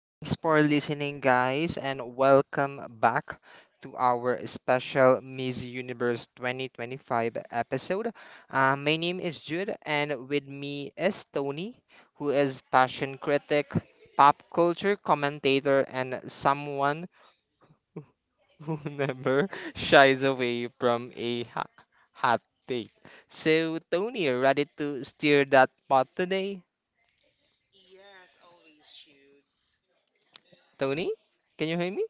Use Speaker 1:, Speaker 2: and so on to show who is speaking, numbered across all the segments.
Speaker 1: Thanks for listening, guys, and welcome back to our special Miss Universe 2025 episode. My name is Jude, and with me is Tony, who is fashion critic, pop culture commentator, and someone who never shies away from a hot take. So, Tony, ready to steer that pot today? Tony, can you hear me?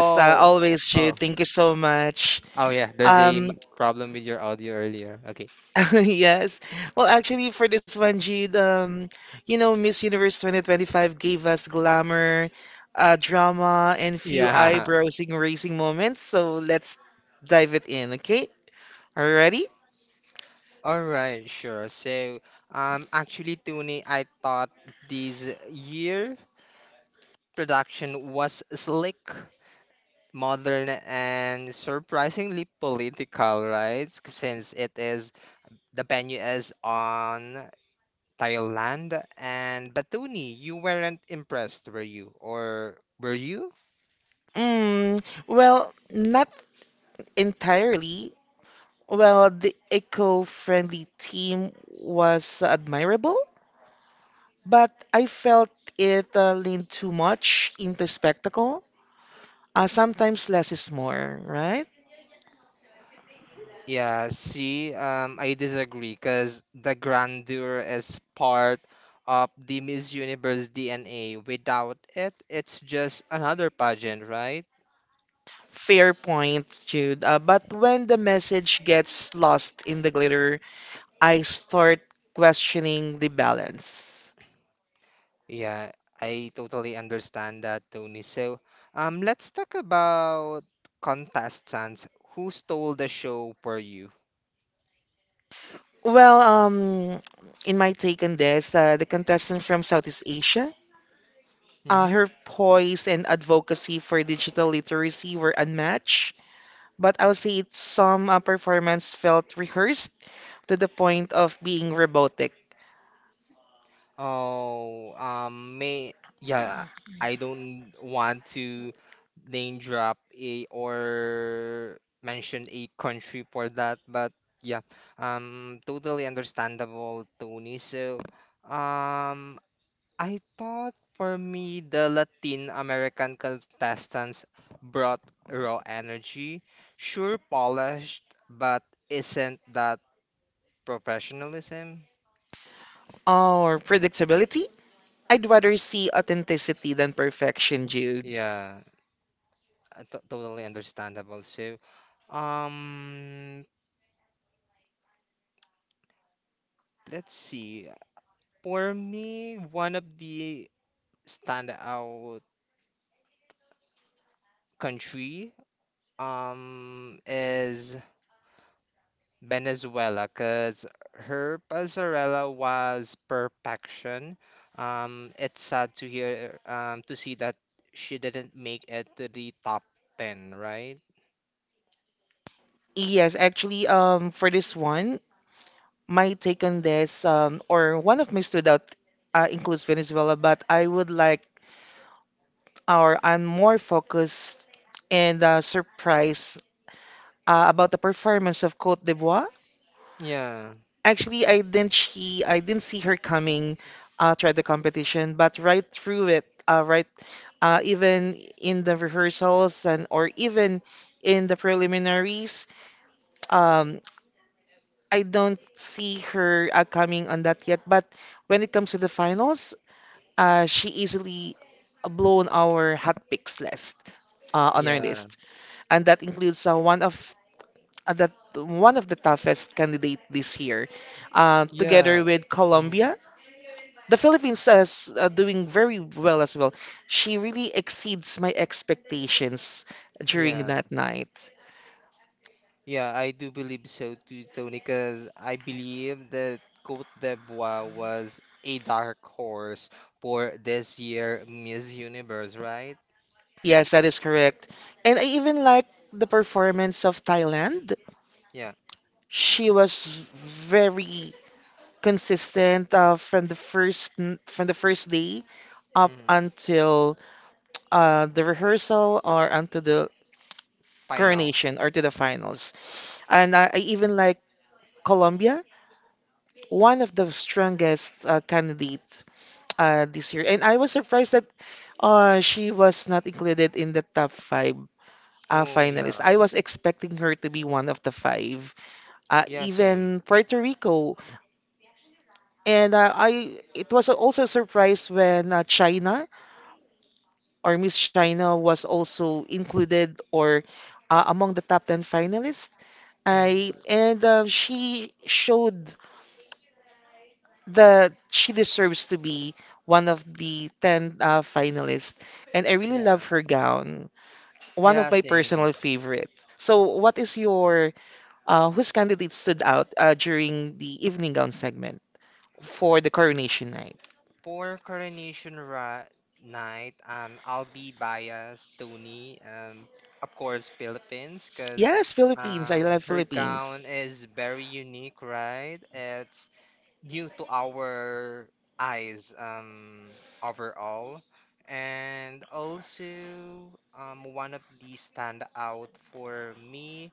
Speaker 2: Yes, always, Jude.
Speaker 1: oh,
Speaker 2: Thank you so much.
Speaker 1: oh yeah. There's a
Speaker 2: Um,
Speaker 1: problem with your audio earlier. Okay.
Speaker 2: yes. Well, actually, for this one, Jude, you know, Miss Universe 2025 gave us glamour, drama, and few
Speaker 1: Yeah.
Speaker 2: eyebrows-raising racing moments. So let's dive it in, okay? Alrighty?
Speaker 1: All right, sure. Actually, Tony, I thought this year production was slick, modern, and surprisingly political, right? Since it is the venue is on Thailand, and but Tony, you weren't impressed, were you? Or were you?
Speaker 2: Mm, well, not entirely. Well, the eco-friendly team was admirable, but I felt it leaned too much into spectacle. Sometimes less is more, right?
Speaker 1: Yeah, see, I disagree because the grandeur is part of the Miss Universe DNA. Without it, it's just another pageant, right?
Speaker 2: Fair point, Jude. But when the message gets lost in the glitter, I start questioning the balance.
Speaker 1: Yeah, I totally understand that, Tony. So, let's talk about contestants. Who stole the show for you?
Speaker 2: Well, in my take on this, the contestant from Southeast Asia,
Speaker 1: Hmm.
Speaker 2: her poise and advocacy for digital literacy were unmatched. But I'll say it's some performance felt rehearsed to the point of being robotic.
Speaker 1: Oh, may yeah, I don't want to name drop a or mention a country for that. But yeah, totally understandable, Tony. So, um, I thought for me the Latin American contestants brought raw energy, sure polished, but isn't that professionalism?
Speaker 2: Or predictability? I'd rather see authenticity than perfection, Jude.
Speaker 1: Yeah, totally understandable. So, um, let's see. For me, one of the standout country is Venezuela because her mozzarella was perfection. It's sad to hear to see that she didn't make it to the top 10, right?
Speaker 2: Yes, actually, for this one, my take on this, or one of my stood out includes Venezuela, but I would like, or I'm more focused and surprised about the performance of Cote d'Ivoire.
Speaker 1: Yeah,
Speaker 2: Actually, I didn't see her coming throughout the competition, but right through it, even in the rehearsals and or even in the preliminaries, um, I don't see her coming on that yet. But when it comes to the finals, she easily blown our hot picks list on our
Speaker 1: yeah,
Speaker 2: list, and that includes one of that one of the toughest candidate this year, together
Speaker 1: yeah,
Speaker 2: with
Speaker 1: mhm,
Speaker 2: Colombia. The Philippines is doing very well as well. She really exceeds my expectations during
Speaker 1: yeah.
Speaker 2: that night.
Speaker 1: Yeah, I do believe so too, Tony, because I believe that Cote d'Ivoire was a dark horse for this year Miss Universe, right?
Speaker 2: Yes, that is correct. And I even like the performance of Thailand.
Speaker 1: Yeah.
Speaker 2: She was very consistent from from the first day up
Speaker 1: Mm,
Speaker 2: until the rehearsal or until the
Speaker 1: final.
Speaker 2: coronation or to the finals. And I even like Colombia, one of the strongest candidates this year. And I was surprised that she was not included in the top five
Speaker 1: Oh,
Speaker 2: finalists.
Speaker 1: yeah.
Speaker 2: I was expecting her to be one of the five,
Speaker 1: Yeah, same.
Speaker 2: even Puerto Rico. And it was also a surprise when China or Miss China was also included or among the top 10 finalists.
Speaker 1: Mm,
Speaker 2: I and She showed that she deserves to be one of the 10 finalists. And I really
Speaker 1: yeah.
Speaker 2: love her gown, one of
Speaker 1: Yeah,
Speaker 2: my personal
Speaker 1: same.
Speaker 2: favorites. So, what is your whose candidate stood out during the evening gown segment for the coronation night?
Speaker 1: For Coronation Ra Night, I'll be biased, Tony. Of course, Philippines, because
Speaker 2: Yes, Philippines. I love
Speaker 1: her gown
Speaker 2: Philippines.
Speaker 1: is very unique, right? It's new to our eyes, overall. And also, one of the standout for me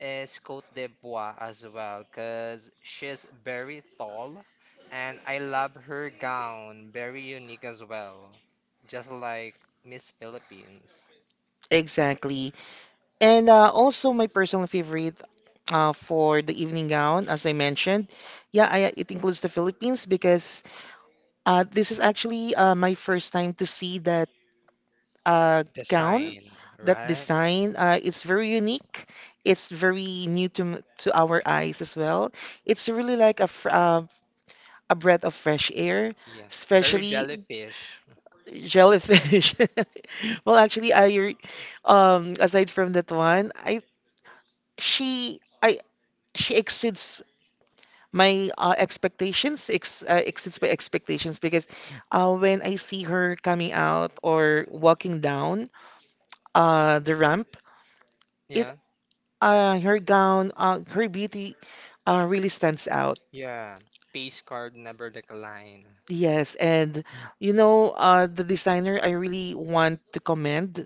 Speaker 1: is Cote d'Ivoire as well, because she's very tall and I love her gown, very unique as well, just like Miss Philippines.
Speaker 2: Exactly. And also my personal favorite for the evening gown, as I mentioned, yeah, it includes the Philippines because this is actually my first time to see that gown
Speaker 1: Design,
Speaker 2: that
Speaker 1: right?
Speaker 2: design, it's very unique, it's very new to to our eyes as well, it's really like a breath of fresh air,
Speaker 1: Yes, very
Speaker 2: especially
Speaker 1: jellyfish.
Speaker 2: jellyfish. well actually i re- Aside from that one, I she exceeds my exceeds my expectations because when I see her coming out or walking down the ramp, it
Speaker 1: Yeah,
Speaker 2: her gown, her beauty really stands out.
Speaker 1: yeah. Peace card never decline.
Speaker 2: Yes, and you know, the designer I really want to commend.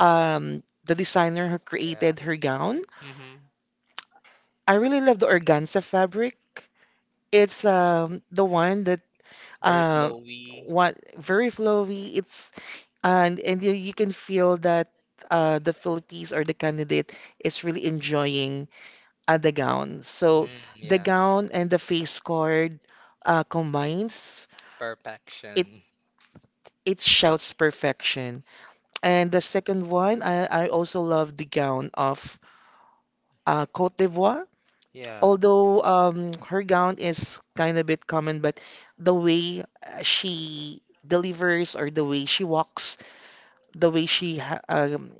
Speaker 2: The designer who
Speaker 1: Yeah.
Speaker 2: created her gown.
Speaker 1: Mm-hmm.
Speaker 2: I really love the organza fabric. It's the one that
Speaker 1: Very
Speaker 2: uh,
Speaker 1: flowy.
Speaker 2: what very flowy. It's, and you, you can feel that the Philippines or the candidate is really enjoying at the gown. So
Speaker 1: Mm,
Speaker 2: the
Speaker 1: yeah.
Speaker 2: gown and the face card combines. It
Speaker 1: Perfection.
Speaker 2: it shouts perfection. And the second one, I also love the gown of Cote d'Ivoire.
Speaker 1: Yeah.
Speaker 2: Although her gown is kind of bit common, but the way she delivers or the way she walks, the way she ha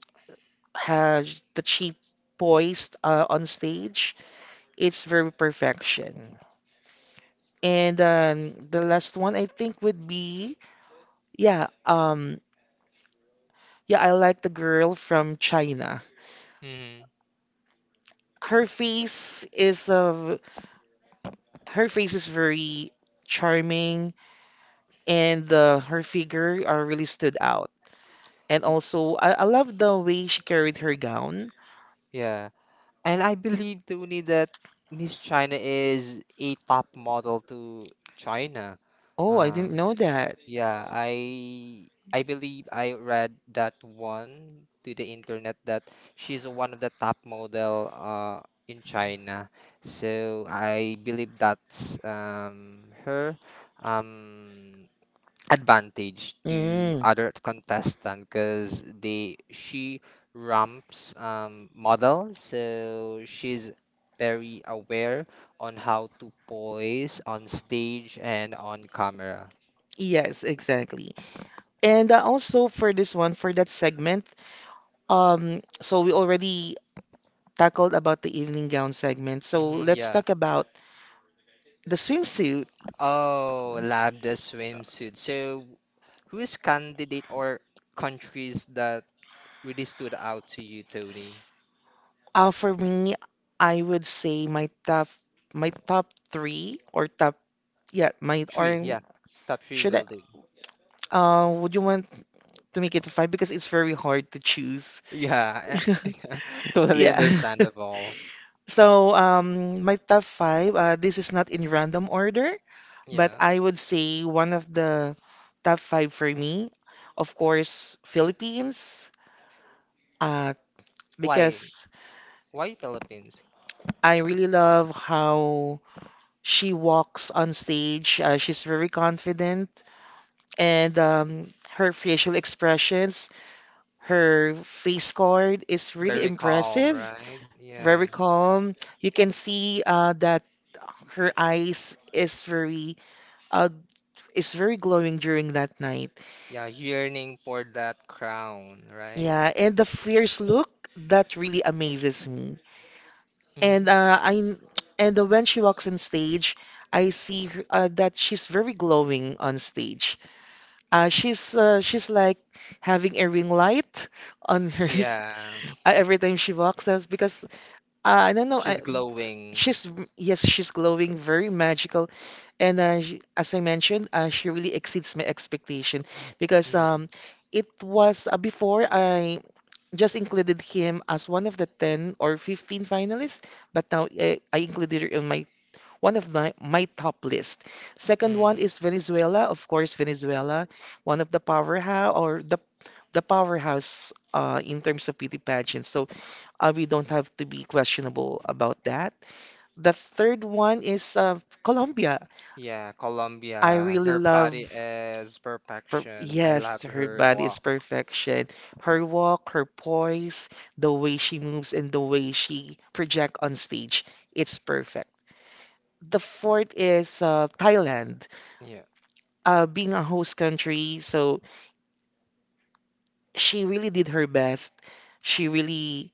Speaker 2: has the she poised on stage, it's very perfection. And the last one I think would be yeah, um, yeah, I like the girl from China.
Speaker 1: Mm-hmm.
Speaker 2: Her face is uh, her face is very charming, and her figure really stood out. And also, I love the way she carried her gown.
Speaker 1: Yeah. And I believe, Tony, that Miss China is a top model to China.
Speaker 2: Oh, I didn't
Speaker 1: Um,
Speaker 2: know that.
Speaker 1: yeah, I believe I read that one to the internet that she's one of the top model in China. So I believe that's her. Um Advantage to
Speaker 2: Mm.
Speaker 1: other contestant because they she ramps model, so she's very aware on how to poise on stage and on camera.
Speaker 2: Yes, exactly. And also for this one, for that segment, so we already tackled about the evening gown segment. So
Speaker 1: Hmm,
Speaker 2: let's
Speaker 1: yeah.
Speaker 2: talk about the swimsuit.
Speaker 1: Oh lambda swimsuit, so who's candidate or countries that really stood out to you, Tony?
Speaker 2: For me, I would say my top three or top yeah my
Speaker 1: Three,
Speaker 2: or
Speaker 1: yeah, top three
Speaker 2: should I
Speaker 1: will do.
Speaker 2: would you want to make it to five because it's very hard to choose.
Speaker 1: Yeah. Totally
Speaker 2: Yeah.
Speaker 1: understandable.
Speaker 2: So my top five. This is not in random order, but
Speaker 1: Yeah.
Speaker 2: I would say one of the top five for me, of course, Philippines. Uh, Why?
Speaker 1: Why?
Speaker 2: Because
Speaker 1: Why Philippines?
Speaker 2: I really love how she walks on stage. She's very confident, and her facial expressions, her face card is really
Speaker 1: Very calm,
Speaker 2: impressive,
Speaker 1: right?
Speaker 2: very
Speaker 1: Yeah.
Speaker 2: calm. You can see that her eyes uh, is very glowing during that night.
Speaker 1: Yeah, yearning for that crown, right?
Speaker 2: Yeah, and the fierce look that really amazes me. And
Speaker 1: Mhm.
Speaker 2: I and When she walks on stage, I see her, that she's very glowing on stage. She's like having a ring light on
Speaker 1: Yeah,
Speaker 2: every time she walks us because I don't know.
Speaker 1: she's glowing.
Speaker 2: Yes, she's glowing, very magical, and she, as I mentioned, she really exceeds my expectation because
Speaker 1: Mm.
Speaker 2: it was before I just included him as one of the 10 or 15 finalists, but now I included it in my top list. Second
Speaker 1: Mm.
Speaker 2: one is Venezuela, of course, Venezuela, one of the powerhouse or the powerhouse in terms of beauty pageants. So we don't have to be questionable about that. The third one is Colombia.
Speaker 1: Yeah,
Speaker 2: I
Speaker 1: Colombia.
Speaker 2: really
Speaker 1: Her body
Speaker 2: love
Speaker 1: is perfection. I love
Speaker 2: yes, her
Speaker 1: her
Speaker 2: body is
Speaker 1: walk.
Speaker 2: perfection. Her walk, her poise, the way she moves, and the way she project on stage, it's perfect. The fourth is Thailand.
Speaker 1: Yeah.
Speaker 2: Being a host country, so she really did her best. She really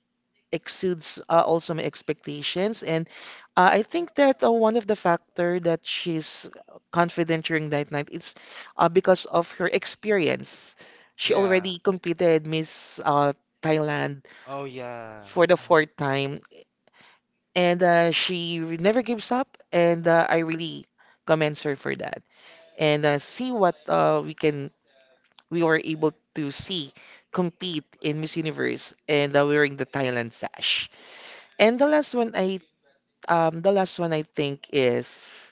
Speaker 2: exceeds also my expectations. And I think that one of the factor that she's confident during Night Night is because of her experience. She
Speaker 1: Yeah.
Speaker 2: already competed Miss Thailand
Speaker 1: Oh yeah.
Speaker 2: for the fourth time, and she never gives up. And I really commend her for that. And see what we can we were able to see compete in Miss Universe and wearing the Thailand sash. And the last one, I the last one I think is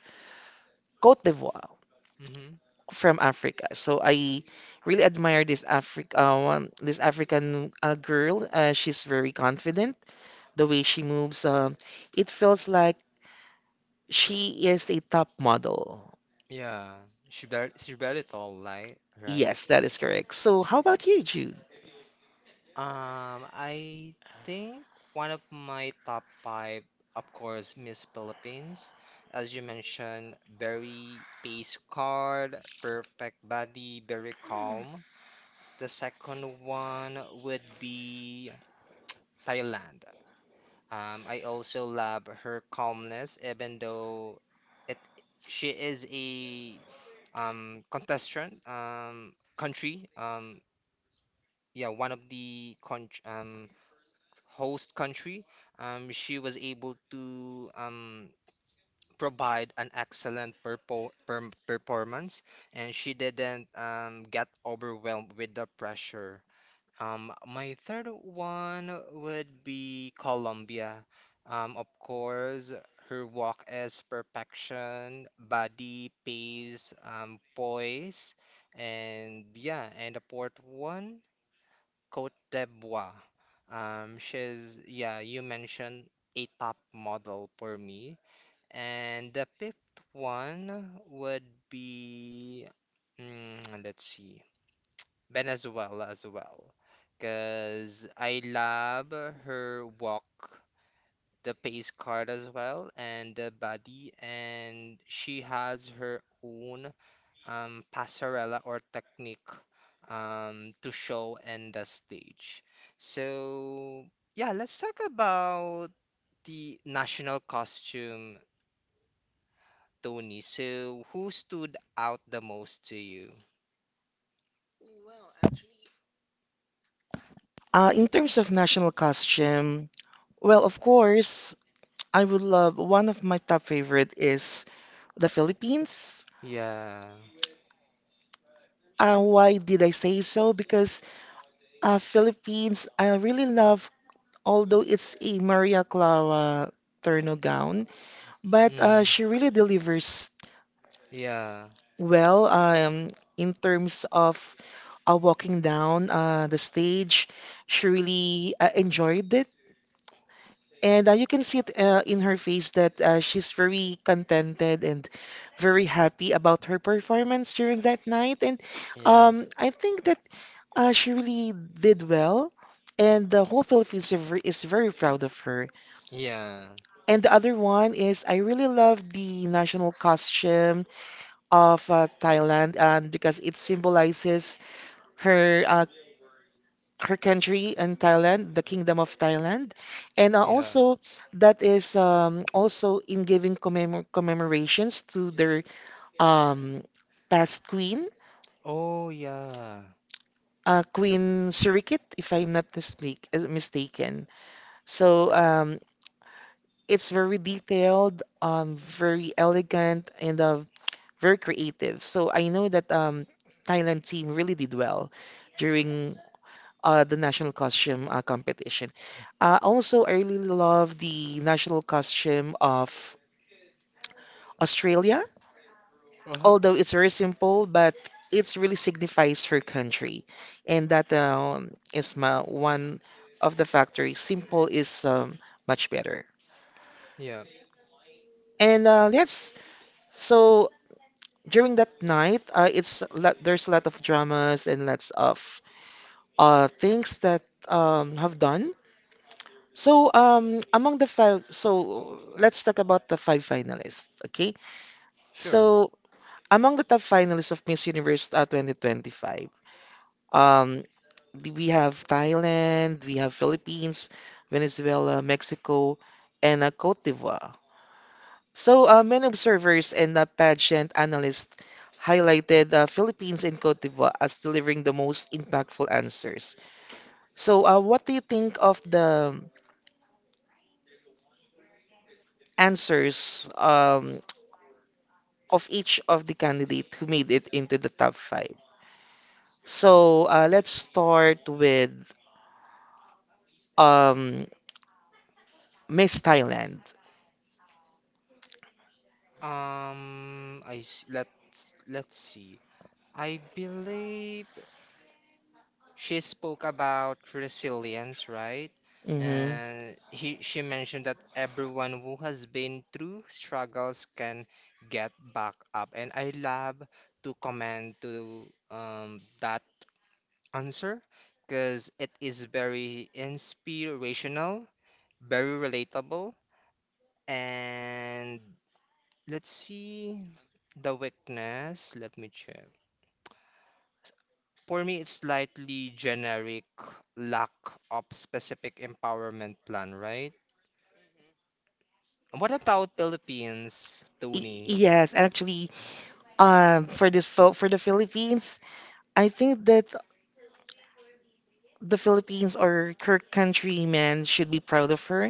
Speaker 2: Cote d'Ivoire
Speaker 1: Mhm.
Speaker 2: from Africa. So I really admire this African girl. She's very confident. The way she moves, it feels like she is a top model.
Speaker 1: Yeah, she barely tall, like, right? Right?
Speaker 2: Yes, that is correct. So how about you, Jude?
Speaker 1: I think one of my top five, of course, Miss Philippines. As you mentioned, very pace card, perfect body, very calm. The second one would be Thailand. I also love her calmness, even though it she is a contestant country. Yeah One of the con host country, she was able to provide an excellent perpo perm performance and she didn't get overwhelmed with the pressure. My third one would be Colombia. Of course, her walk is perfection, body, pace, poise, and yeah, and the fourth one, Côte d'Ivoire. She's yeah, you mentioned a top model for me, and the fifth one would be, mm, let's see. Venezuela as well. Because I love her walk, the pace card as well, and the body. And she has her own passerella or technique to show in the stage. So, yeah, let's talk about the national costume, Tony. So, who stood out the most to you?
Speaker 2: In terms of national costume, well, of course, I would love one of my top favorite is the Philippines.
Speaker 1: Yeah.
Speaker 2: Why did I say so? Because Philippines, I really love, although it's a Maria Clara Turno gown, but
Speaker 1: Mm.
Speaker 2: she really delivers
Speaker 1: Yeah.
Speaker 2: well in terms of walking down the stage. She really enjoyed it. And you can see it in her face that she's very contented and very happy about her performance during that night. And
Speaker 1: Yeah.
Speaker 2: I think that she really did well, and the whole Philippines is is very proud of her.
Speaker 1: Yeah.
Speaker 2: And the other one is I really love the national costume of Thailand, and because it symbolizes her her country in Thailand, the Kingdom of Thailand, and
Speaker 1: Yeah.
Speaker 2: also that is also in giving commemorations to their um, past queen,
Speaker 1: Oh, yeah.
Speaker 2: Queen Sirikit, if I'm not mistaken. So it's very detailed, very elegant, and very creative. So I know that Thailand team really did well during the national costume competition. Also, I really love the national costume of Australia,
Speaker 1: Uh-huh.
Speaker 2: although it's very simple, but it really signifies her country, and that is my one of the factors. Simple is much better.
Speaker 1: Yeah.
Speaker 2: And let's so During that night, there's a lot of dramas and lots of things that have done. So so let's talk about the five finalists. Okay,
Speaker 1: Sure.
Speaker 2: so among the top finalists of Miss Universe 2025, um, we have Thailand, we have Philippines, Venezuela, Mexico, and Cote d'Ivoire. So, many observers and pageant analysts highlighted Philippines and Cote d'Ivoire as delivering the most impactful answers. So, what do you think of the answers of each of the candidate who made it into the top five? So, let's start with um, Miss Thailand.
Speaker 1: Let's see. I believe she spoke about resilience, right?
Speaker 2: Hmm.
Speaker 1: And he she mentioned that everyone who has been through struggles can get back up. And I love to comment to that answer because it is very inspirational, very relatable. And let's see the weakness. Let me check. For me, it's slightly generic, lack of specific empowerment plan, right? What about Philippines, Tony?
Speaker 2: Yes, actually, for this for the Philippines, I think that the Philippines or her countrymen should be proud of her,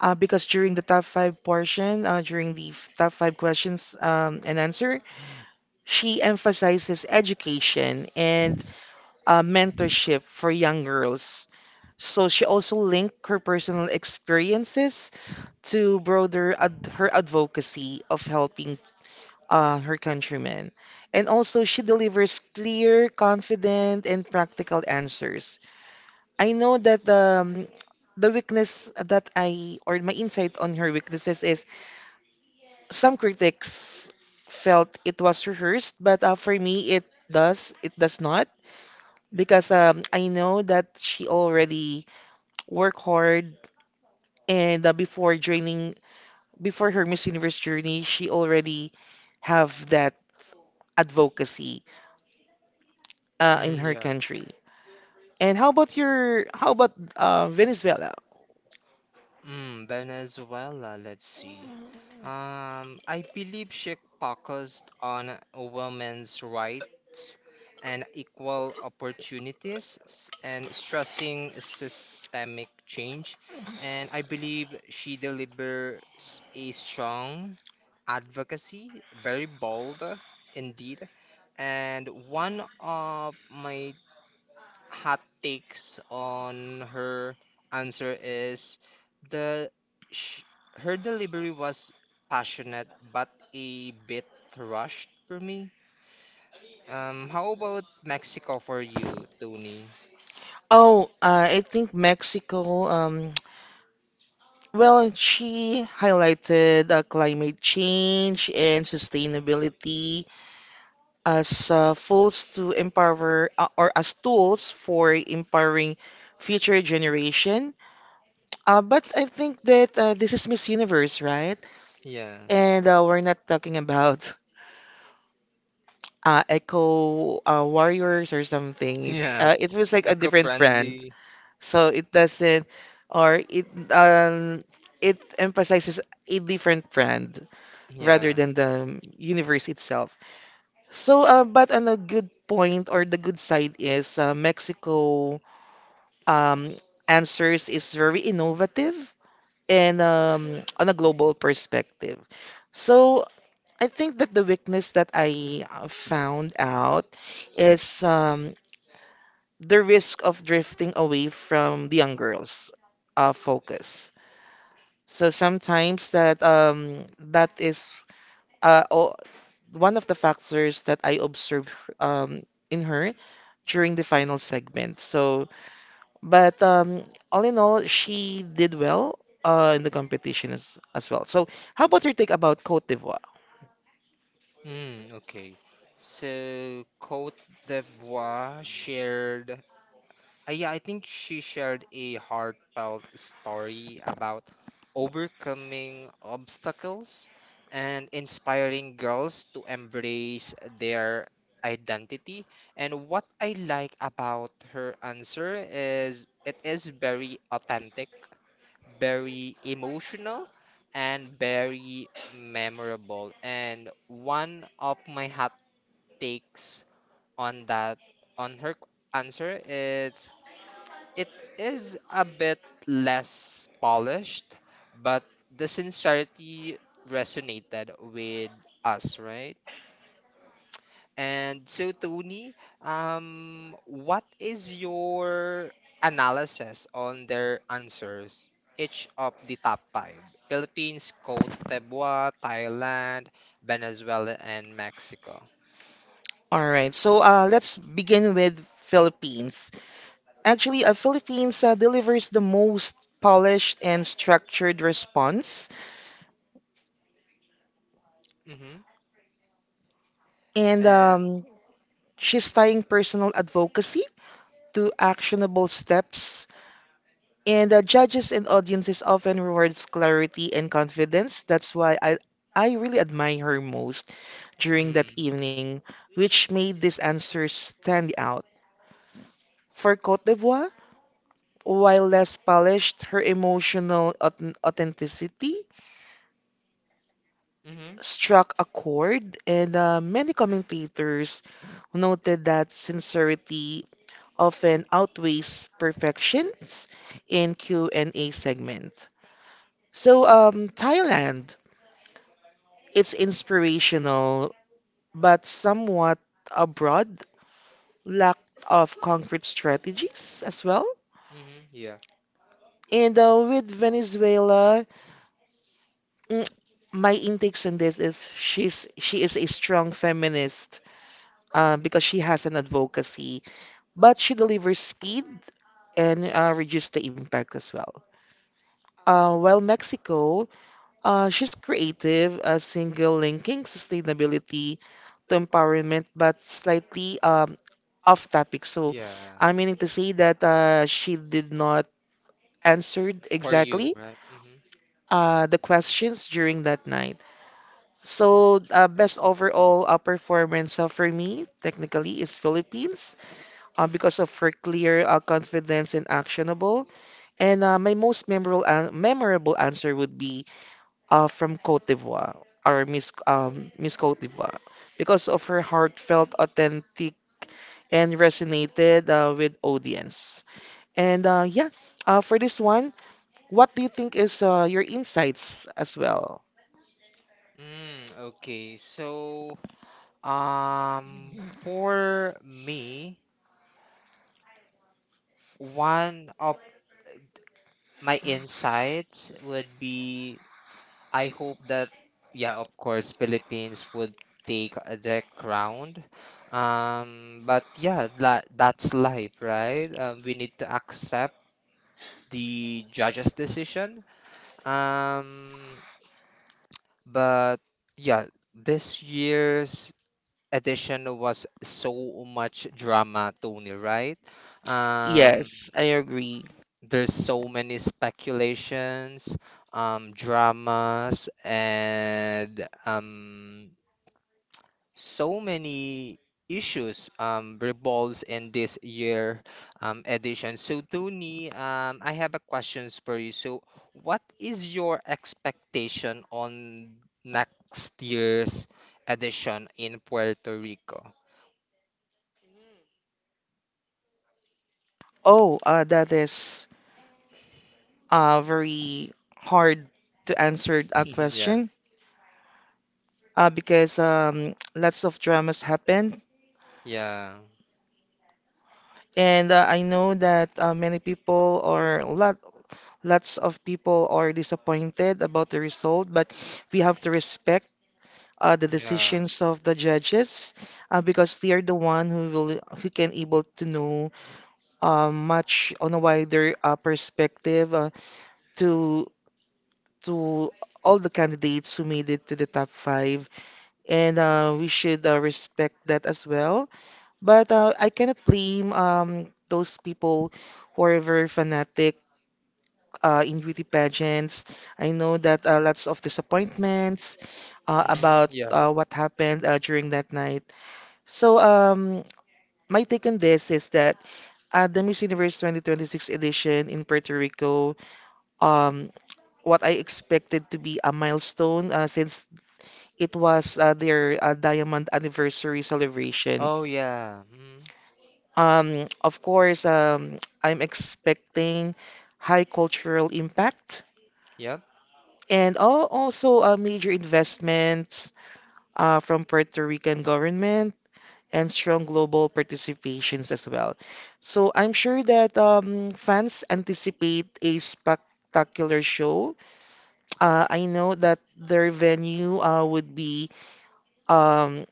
Speaker 2: because during the top five portion, during the top five questions and answer, she emphasizes education and mentorship for young girls. So she also linked her personal experiences to broader her advocacy of helping her countrymen. And also, she delivers clear, confident, and practical answers. I know that, the weakness that or my insight on her weaknesses is some critics felt it was rehearsed, but for me, it it does not. Because I know that she already worked hard, and before joining, before her Miss Universe journey, she already have that advocacy in
Speaker 1: Mm,
Speaker 2: her
Speaker 1: yeah.
Speaker 2: country. And how about how about Venezuela?
Speaker 1: Mm, Venezuela, let's see. I believe she focused on women's rights and equal and stressing systemic change. And I believe she delivers a strong advocacy, very bold indeed. And one of my hot takes on her answer is the sh her delivery was passionate but a bit rushed for me. How about Mexico for you, Tony?
Speaker 2: Oh, I think Mexico. Well, she highlighted climate change and sustainability as tools to empower, or as tools for empowering future generation. But I think that this is Miss Universe, right?
Speaker 1: Yeah,
Speaker 2: And we're not talking about eco warriors or something.
Speaker 1: yeah,
Speaker 2: It was like a different brand,
Speaker 1: eco-friendly.
Speaker 2: so it doesn't, or it, um, it emphasizes a different brand, rather
Speaker 1: Yeah.
Speaker 2: than the universe itself. So, but on a good point or the good side is, Mexico, um, answers is very innovative and, on a global perspective. So, I think that the weakness that I found out is, the risk of drifting away from the young girls' focus. So sometimes that, that is, uh, o- one of the factors that I observed um, in her during the final segment. So, but all in all, she did well in the competition as well. So, how about your take about Cote d'Ivoire?
Speaker 1: Mm, okay. So Cote d'Ivoire shared yeah, I think she shared a heartfelt story about overcoming obstacles and inspiring girls to embrace their identity. And what I like about her answer is it is very authentic, very emotional, and very memorable. And one of my hot takes on that on her answer is it is a bit less polished, but the sincerity resonated with us, right? And so, Tony, what is your analysis on their answers? Each of the top 5: Philippines, Cote d'Ivoire, Thailand, Venezuela, and Mexico.
Speaker 2: All right, so let's begin with Philippines. Actually, Philippines delivers the most polished and structured response,
Speaker 1: Mm-hmm.
Speaker 2: and
Speaker 1: And
Speaker 2: she's tying personal advocacy to actionable steps. And the judges and audiences often rewards clarity and confidence. That's why I really admire her most during that
Speaker 1: mm,
Speaker 2: evening, which made this answer stand out. For Cote d'Ivoire, while less polished, her emotional authenticity
Speaker 1: mm-hmm,
Speaker 2: struck a chord, and many commentators noted that sincerity often outweighs perfections in Q&A segment. So, Thailand. It's inspirational, but somewhat abroad, lack of concrete strategies as well.
Speaker 1: mm-hmm, yeah,
Speaker 2: And with Venezuela, mm, my intakes on this is she is a strong feminist, because she has an advocacy, but she delivers speed and reduces the impact as well. While Mexico, she's creative, a single linking sustainability to empowerment, but slightly off topic. So
Speaker 1: yeah.
Speaker 2: I'm meaning to say that she did not answered
Speaker 1: For you,
Speaker 2: exactly
Speaker 1: right? Hmm.
Speaker 2: the questions during that night. So best overall performance for me technically is Philippines, because of her clear confidence and actionable. And my most memorable an memorable answer would be from Cote d'Ivoire, or Miss, Miss Cote d'Ivoire, because of her heartfelt, authentic, and resonated with audience. And yeah, for this one, what do you think is your insights as well?
Speaker 1: Mm, okay. So, for me, one of my insights would be I hope that, yeah, of course, Philippines would take the crown. But yeah, that's life, right? We need to accept the judge's decision. Um, but Yeah, this year's edition was so much drama, Tony, right? Um,
Speaker 2: Yes, I agree.
Speaker 1: there's so many speculations, dramas, and so many issues revolves in this year edition. So, Tony, I have a questions for you. So, what is your expectation on next year's edition in Puerto Rico?
Speaker 2: Oh, that is very hard to answer a
Speaker 1: Yeah,
Speaker 2: question, because lots of dramas happen.
Speaker 1: yeah,
Speaker 2: And I know that many people or lots of people are disappointed about the result, but we have to respect the
Speaker 1: yeah.
Speaker 2: decisions of the judges, because they are the one who will, who can able to know much on a wider perspective, to to all the candidates who made it to the top five, and we should respect that as well. But I cannot blame those people who are very fanatic in beauty pageants. I know that lots of disappointments
Speaker 1: Mm-hmm.
Speaker 2: about
Speaker 1: Yeah.
Speaker 2: what happened during that night. So my take on this is that at the Miss Universe 2026 edition in Puerto Rico, um, what I expected to be a milestone, since it was their diamond anniversary celebration.
Speaker 1: Oh yeah. Mm-hmm.
Speaker 2: Of course, I'm expecting high cultural impact,
Speaker 1: Yep.
Speaker 2: and also major investments from Puerto Rican government, and strong global participations as well. So I'm sure that fans anticipate a spectacular show. I know that their venue would be, um,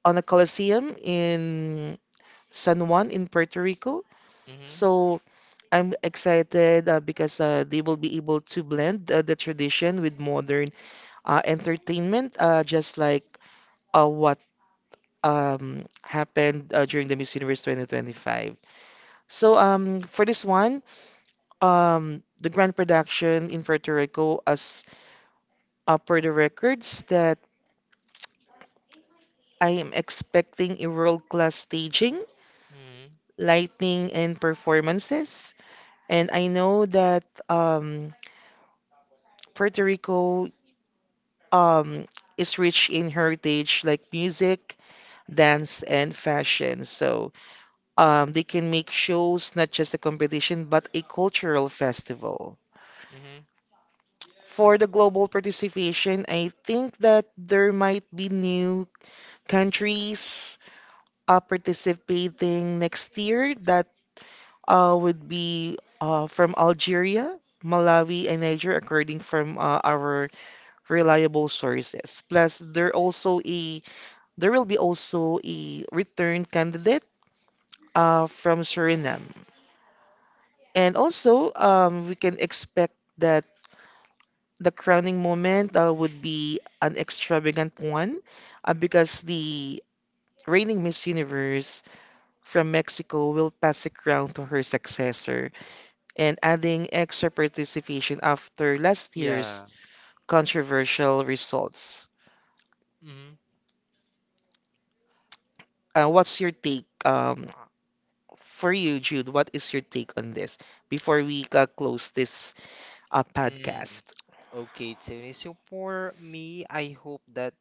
Speaker 2: on a Coliseum in San Juan in Puerto Rico.
Speaker 1: Mm-hmm.
Speaker 2: So I'm excited because they will be able to blend the tradition with modern entertainment, just like what happened during the Miss Universe 2025. So for this one, the grand production in Puerto Rico, as per the records, that I am expecting a world-class staging,
Speaker 1: Mm-hmm.
Speaker 2: lighting, and performances. And I know that Puerto Rico um, is rich in heritage like music, dance, and fashion. So they can make shows not just a competition but a cultural festival.
Speaker 1: Mm-hmm.
Speaker 2: For the global participation, I think that there might be new countries participating next year, that would be from Algeria, Malawi, and Niger, according from our reliable sources. Plus, there will be also a return candidate from Suriname. And also, we can expect that the crowning moment would be an extravagant one, because the reigning Miss Universe from Mexico will pass the crown to her successor, and adding extra participation after last year's
Speaker 1: Yeah.
Speaker 2: controversial results.
Speaker 1: Mm-hmm.
Speaker 2: What's your take, for you, Jude? What is your take on this before we close this a
Speaker 1: Mm.
Speaker 2: podcast.
Speaker 1: Okay, Tony. So for me, I hope that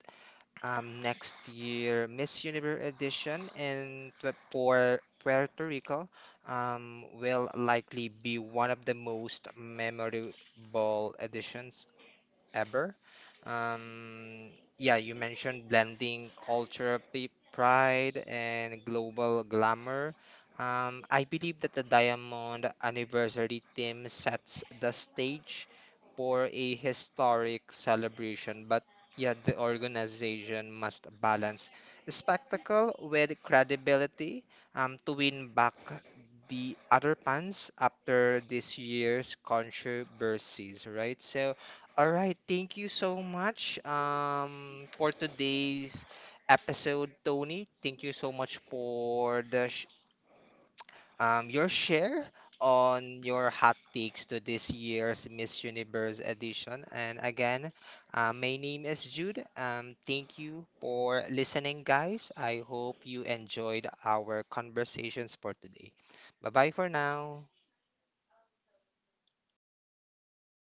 Speaker 1: next year Miss Universe edition and for Puerto Rico will likely be one of the most memorable editions ever. Um, yeah, you mentioned blending culture, pride, and global glamour. I believe that the Diamond Anniversary theme sets the stage for a historic celebration, but yeah, the organization must balance spectacle with credibility, to win back the other fans after this year's controversies, right? So all right, thank you so much for today's episode, Tony. Thank you so much for the sh your share on your hot takes to this year's Miss Universe edition. And again, my name is Jude. Thank you for listening, guys. I hope you enjoyed our conversations for today. Bye-bye for now.